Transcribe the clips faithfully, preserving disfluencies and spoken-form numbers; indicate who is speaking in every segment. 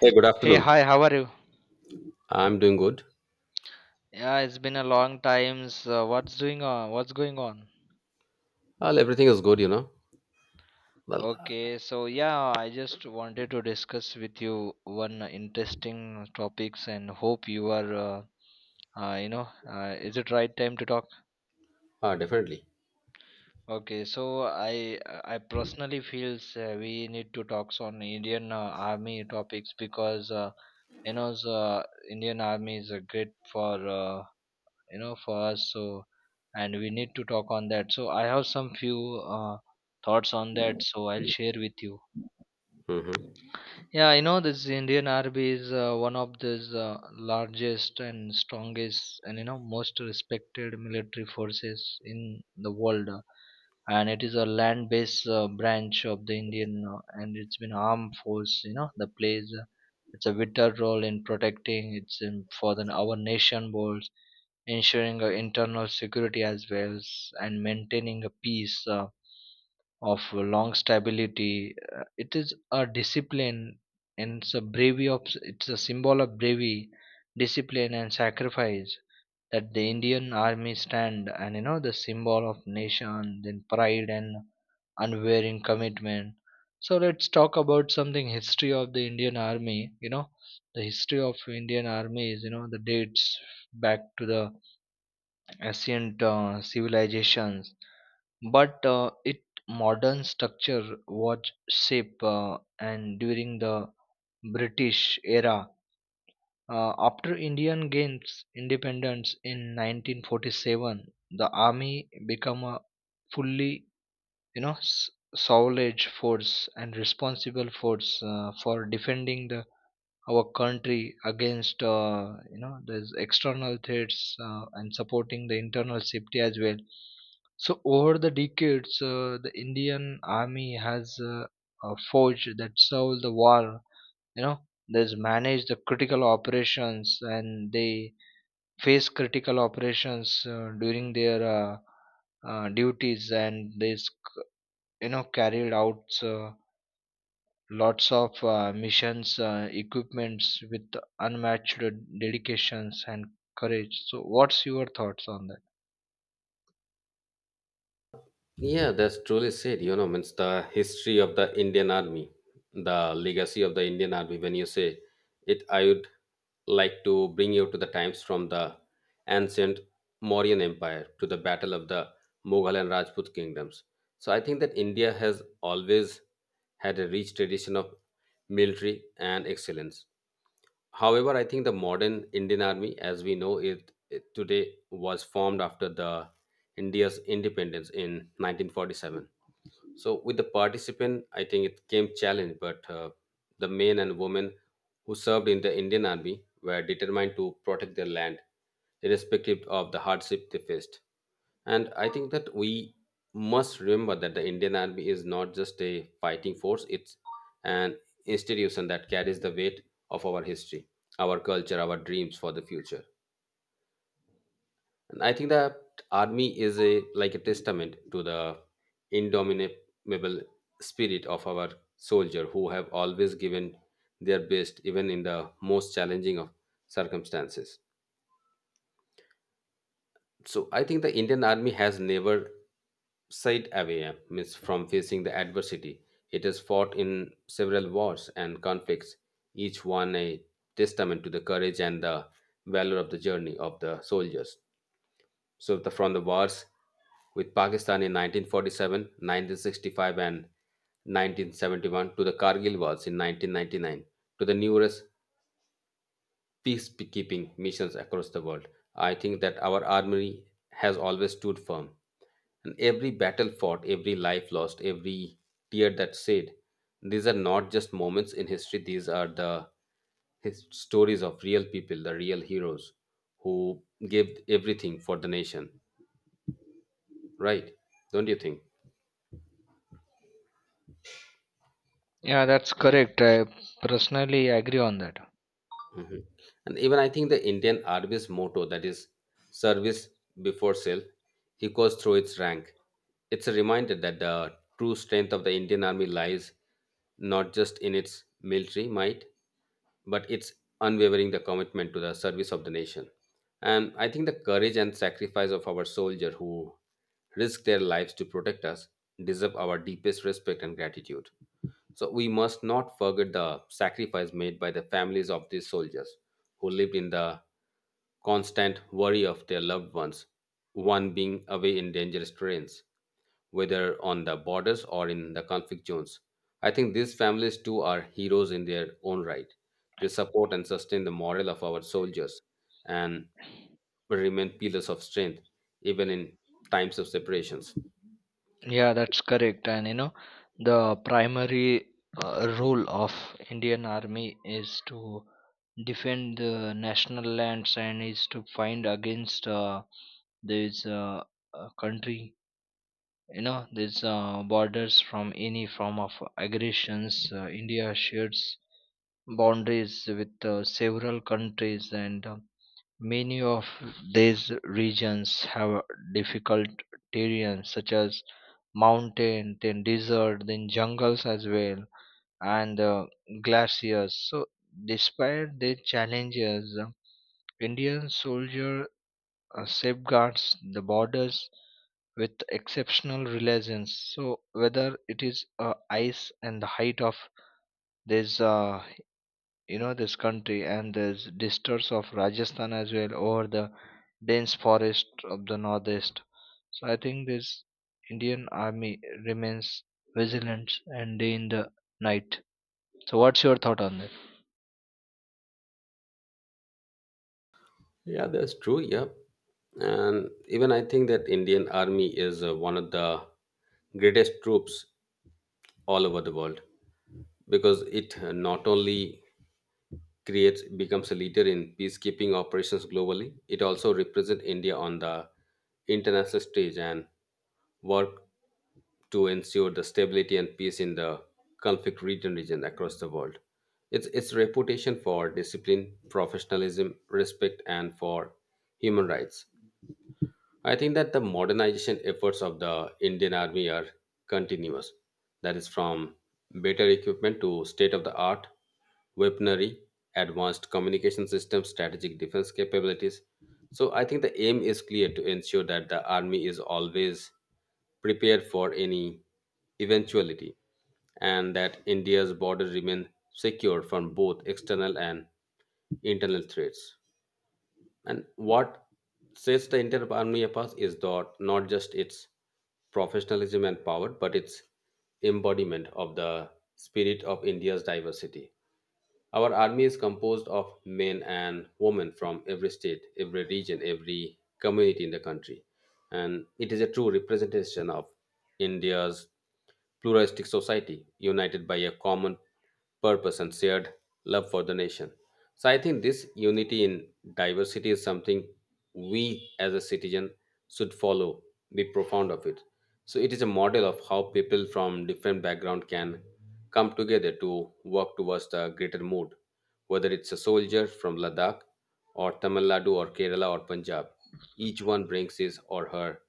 Speaker 1: Hey, good
Speaker 2: Hey,
Speaker 1: afternoon.
Speaker 2: hi, how are you?
Speaker 1: I'm doing good.
Speaker 2: Yeah, it's been a long time. So what's doing on? What's going on?
Speaker 1: Well, everything is good, you know. Well,
Speaker 2: Okay, so yeah, I just wanted to discuss with you one interesting topics and hope you are, uh, uh, you know, uh, is it right time to talk?
Speaker 1: uh, Definitely.
Speaker 2: Okay, so I I personally feels uh, we need to talk on Indian uh, Army topics because uh, you know the Indian Army is uh, great for. Uh, you know, for us, so and we need to talk on that, so I have some few uh, thoughts on that, so I'll share with you.
Speaker 1: hmm
Speaker 2: Yeah, you know, this Indian army is uh, one of the uh, largest and strongest and, you know, most respected military forces in the world, uh, and it is a land based uh, branch of the Indian uh, and it's been armed force, you know, the plays, uh, it's a vital role in protecting it's in, for the, our nation borders, ensuring uh, internal security as well s- and maintaining a peace uh, of long stability. Uh, it is a discipline and it's a bravery of it's a symbol of bravery, discipline and sacrifice that the Indian army stand, and you know the symbol of nation, then pride and unwavering commitment. So let's talk about something history of the Indian army. You know, the history of Indian army is, you know, the dates back to the ancient uh, civilizations, but uh, its modern structure was shaped uh, and during the British era. Uh, after Indian gains independence in nineteen forty-seven, the army became a fully, you know, s- solid force and responsible force uh, for defending the our country against, uh, you know, these external threats uh, and supporting the internal safety as well. So over the decades, uh, the Indian army has uh, uh, forged that solved the war, you know, there's managed the critical operations, and they face critical operations uh, during their uh, uh, duties, and they, you know, carried out uh, lots of uh, missions uh, equipments with unmatched dedications and courage. So what's your thoughts on that?
Speaker 1: Yeah, that's truly said. You know, means the history of the Indian Army, the legacy of the Indian Army. When you say it, I would like to bring you to the times from the ancient Mauryan Empire to the battle of the Mughal and Rajput kingdoms. So I think that India has always had a rich tradition of military and excellence. However, I think the modern Indian Army, as we know it, it today, was formed after the India's independence in nineteen forty-seven. So with the participant, I think it came challenge, but uh, the men and women who served in the Indian Army were determined to protect their land, irrespective of the hardship they faced. And I think that we must remember that the Indian Army is not just a fighting force; it's an institution that carries the weight of our history, our culture, our dreams for the future. And I think that army is a like a testament to the indomitable spirit of our soldier who have always given their best even in the most challenging of circumstances. So I think the Indian army has never shied away uh, means from facing the adversity. It has fought in several wars and conflicts, each one a testament to the courage and the valor of the journey of the soldiers. So the, from the wars with Pakistan in nineteen forty-seven, nineteen sixty-five, and nineteen seventy-one, to the Kargil wars in nineteen ninety-nine, to the numerous peacekeeping missions across the world. I think that our army has always stood firm. And every battle fought, every life lost, every tear that shed, these are not just moments in history, these are the his stories of real people, the real heroes who gave everything for the nation. Right, don't you think?
Speaker 2: Yeah, that's correct, I personally agree on that.
Speaker 1: Mhm. And even I think the Indian Army's motto, that is service before self, echoes through its rank. It's a reminder that the true strength of the Indian Army lies not just in its military might, but it's unwavering the commitment to the service of the nation. And I think the courage and sacrifice of our soldier who risk their lives to protect us deserve our deepest respect and gratitude. So we must not forget the sacrifice made by the families of these soldiers who lived in the constant worry of their loved ones, one being away in dangerous terrains, whether on the borders or in the conflict zones. I think these families too are heroes in their own right. They support and sustain the morale of our soldiers and remain pillars of strength even in times of separations.
Speaker 2: Yeah, that's correct. And you know the primary uh, role of Indian army is to defend the national lands and is to find against, uh, this uh, uh, country, you know, these uh, borders from any form of aggressions. Uh, india shares boundaries with uh, several countries, and uh, many of these regions have difficult terrain such as mountain, then desert, then jungles as well, and uh, glaciers. So despite the challenges, uh, Indian soldiers uh, safeguards the borders with exceptional religions. So whether it is uh, ice and the height of this, uh, you know, this country and this distance of Rajasthan as well, or the dense forest of the northeast. So I think this Indian army remains vigilant and day in the night. So what's your thought on that?
Speaker 1: Yeah, that's true. Yeah. And even I think that Indian Army is uh, one of the greatest troops all over the world, because it uh, not only creates becomes a leader in peacekeeping operations globally, it also represents India on the international stage and work to ensure the stability and peace in the conflict region region across the world. Its its reputation for discipline, professionalism, respect, and for human rights. I think that the modernization efforts of the Indian Army are continuous. That is, from better equipment to state of the art weaponry, advanced communication systems, strategic defense capabilities. So, I think the aim is clear to ensure that the Army is always prepared for any eventuality and that India's border remain secure from both external and internal threats. And what sets the entire army apart is that not just its professionalism and power, but its embodiment of the spirit of India's diversity. Our army is composed of men and women from every state, every region, every community in the country. And it is a true representation of India's pluralistic society, united by a common purpose and shared love for the nation. So I think this unity in diversity is something we as a citizen should follow, be profound of it. So it is a model of how people from different background can come together to work towards the greater mood, whether it's a soldier from Ladakh or Tamil Nadu or Kerala or Punjab. Each one brings his or her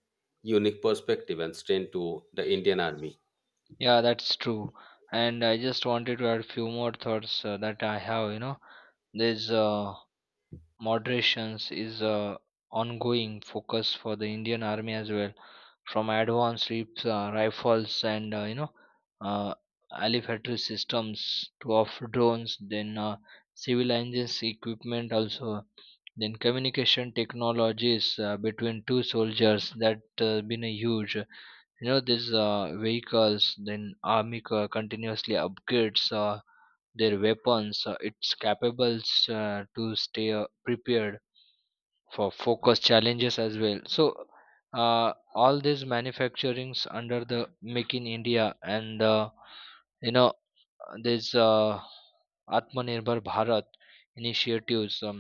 Speaker 1: unique perspective and strength to the Indian Army.
Speaker 2: Yeah, that's true. And I just wanted to add few more thoughts uh, that I have. You know, there's uh, moderations is a ongoing focus for the Indian Army as well, from advanced rips, uh, rifles and, uh, you know uh, infantry systems to of drones, then uh, civil engines equipment also, then communication technologies uh, between two soldiers that uh, been a huge. You know these uh, vehicles, then army co- continuously upgrades. Uh, their weapons uh, it's capable uh, to stay uh, prepared for focus challenges as well. So uh, all these manufacturings under the Make in India and, uh, you know this uh, Atmanirbhar Bharat initiatives, um,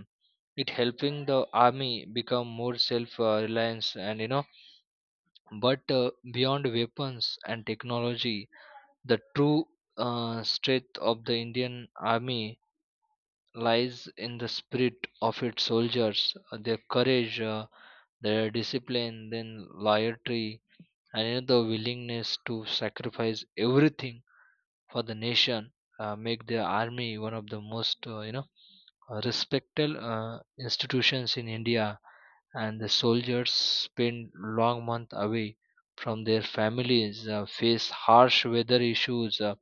Speaker 2: it helping the army become more self uh, reliance, and you know, but uh, beyond weapons and technology, the true uh, strength of the Indian army lies in the spirit of its soldiers, uh, their courage, uh, their discipline, then loyalty, and, you know, the willingness to sacrifice everything for the nation uh, make the army one of the most, uh, you know uh, respected uh, institutions in India. And the soldiers spend long months away from their families, uh, face harsh weather issues. Uh,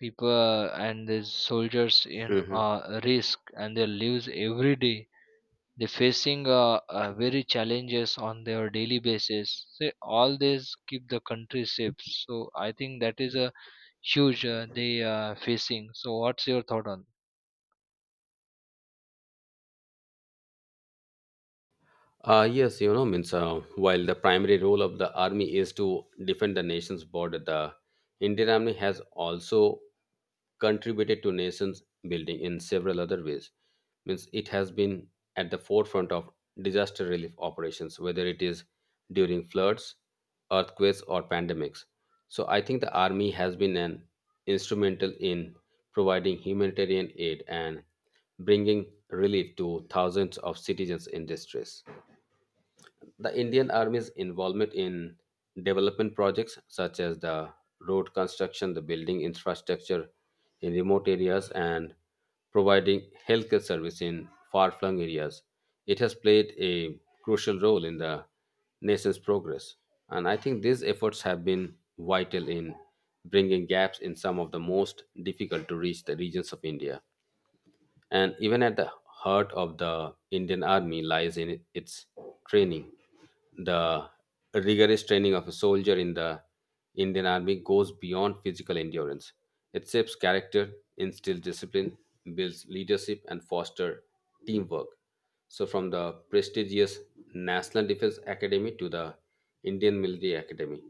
Speaker 2: People and the soldiers in
Speaker 1: Mhm.
Speaker 2: uh, risk and their lives every day. They're facing uh, uh, very challenges on their daily basis, so all this keep the country safe. So I think that is a huge uh, they uh, facing. So what's your thought on?
Speaker 1: Uh, yes, you know, means uh, while the primary role of the army is to defend the nation's border, the Indian army has also contributed to nation's building in several other ways. Means it has been at the forefront of disaster relief operations, whether it is during floods, earthquakes, or pandemics. So I think the army has been an instrumental in providing humanitarian aid and bringing relief to thousands of citizens in distress. The Indian Army's involvement in development projects such as the road construction, the building infrastructure in remote areas, and providing healthcare service in far flung areas, it has played a crucial role in the nation's progress. And I think these efforts have been vital in bringing gaps in some of the most difficult to reach the regions of India. And even at the heart of the Indian Army lies in its training. The rigorous training of a soldier in the Indian Army goes beyond physical endurance. It shapes character, instills discipline, builds leadership, and fosters teamwork. So, from the prestigious National Defense Academy to the Indian Military Academy,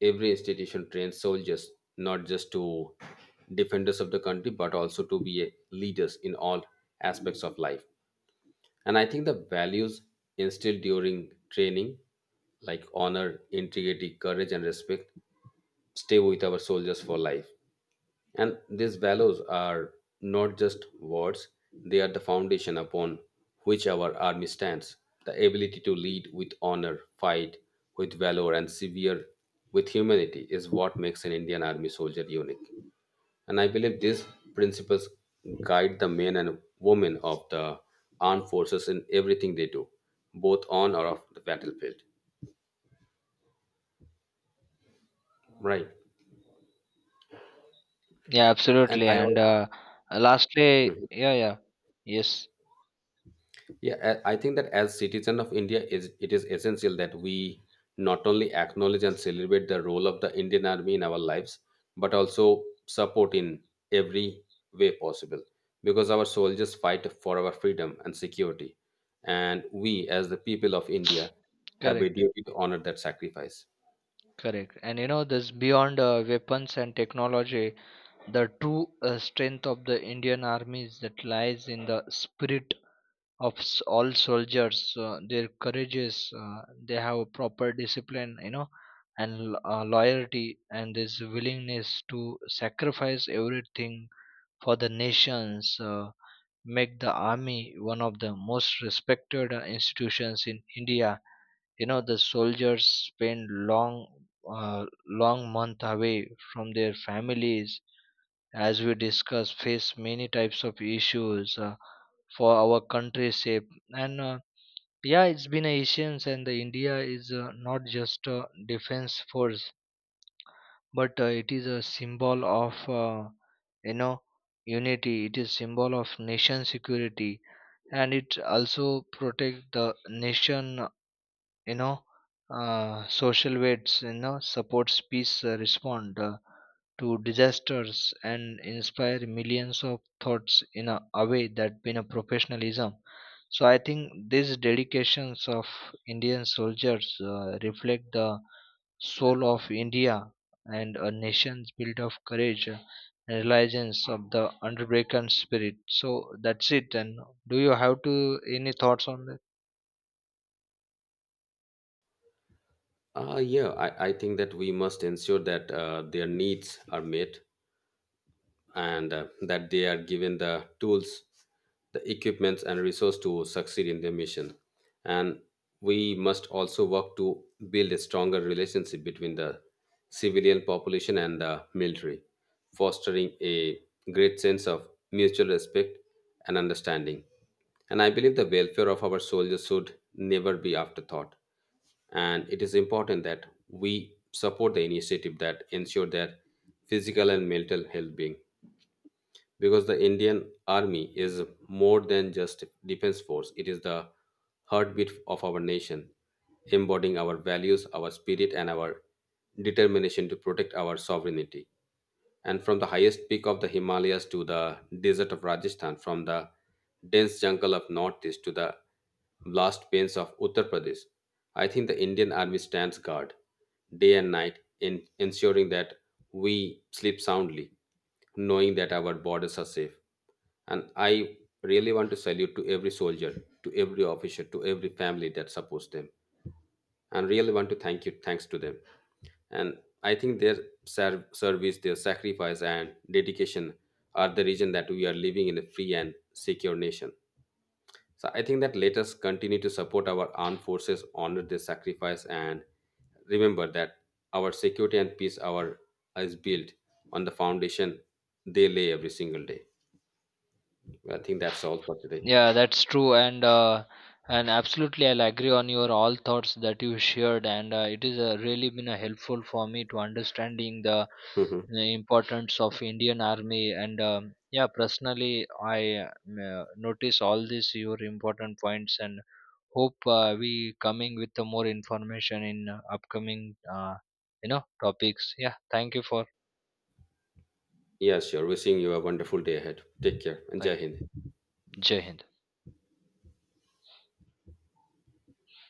Speaker 1: every institution trains soldiers not just to defenders of the country but also to be a leaders in all aspects of life. And I think the values instilled during training, like honor, integrity, courage, and respect, stay with our soldiers for life. And these values are not just words, they are the foundation upon which our army stands. The ability to lead with honor, fight with valor, and severe with humanity is what makes an Indian army soldier unique. And I believe these principles guide the men and women of the armed forces in everything they do, both on or off the battlefield. Right.
Speaker 2: Yeah,
Speaker 1: And
Speaker 2: absolutely,
Speaker 1: I
Speaker 2: and
Speaker 1: also.
Speaker 2: uh, lastly, yeah, yeah, yes.
Speaker 1: Yeah, I I think that as citizen of India, is it is essential that we not only acknowledge and celebrate the role of the Indian Army in our lives, but also support in every way possible, because our soldiers fight for our freedom and security, and we as the people of India have a
Speaker 2: Correct,
Speaker 1: duty to honor that sacrifice.
Speaker 2: correct. And you know this beyond uh, weapons and technology, the true uh, strength of the Indian army is that lies in the spirit of s- all soldiers, uh, their courageous, uh, they have a proper discipline, you know, and l- uh, loyalty and this willingness to sacrifice everything for the nations uh, make the army one of the most respected uh, institutions in India. You know the soldiers spend long uh, long month away from their families, as we discussed, face many types of issues uh, for our country's sake, and uh, yeah, it's been Asians and the India is uh, not just a defense force, but uh, it is a symbol of, uh, you know unity. It is symbol of nation security, and it also protect the nation, you know, uh, social weights, you know, supports peace, uh, respond uh, to disasters and inspire millions of thoughts in a, a way that been a professionalism. So I think these dedications of Indian soldiers uh, reflect the soul of India and a nation's built of courage uh, and reliance of the unbroken spirit. So that's it. And do you have to any thoughts on this?
Speaker 1: Uh, yeah, I, I think that we must ensure that uh, their needs are met, and uh, that they are given the tools, the equipments, and resource to succeed in their mission. And we must also work to build a stronger relationship between the civilian population and the military, fostering a great sense of mutual respect and understanding. And I believe the welfare of our soldiers should never be afterthought. And it is important that we support the initiative that ensure their physical and mental well being, because the Indian army is more than just defense force. It is the heartbeat of our nation, embodying our values, our spirit, and our determination to protect our sovereignty. And from the highest peak of the Himalayas to the desert of Rajasthan, from the dense jungle of Northeast to the blast pains of Uttar Pradesh, I think the Indian Army stands guard day and night in ensuring that we sleep soundly, knowing that our borders are safe. And I really want to salute to every soldier, to every officer, to every family that supports them, and really want to thank you thanks to them. And I think their ser- service, their sacrifice and dedication are the reason that we are living in a free and secure nation. So I think that let us continue to support our armed forces, honor their sacrifice, and remember that our security and peace our is built on the foundation they lay every single day. I think that's all for today.
Speaker 2: Yeah, that's true, and uh, and absolutely, I'll agree on your all thoughts that you shared, and uh, it is uh, really been uh, helpful for me to understanding the,
Speaker 1: Mhm.
Speaker 2: the importance of Indian Army, and um, yeah, personally, I uh, m- uh, notice all these your important points, and hope uh, we coming with the more information in uh, upcoming, uh, you know topics. Yeah, thank you for.
Speaker 1: Yeah, sure. Wishing you a wonderful day ahead. Take care, and jai
Speaker 2: Thank
Speaker 1: hind.
Speaker 2: you. Jai Hind.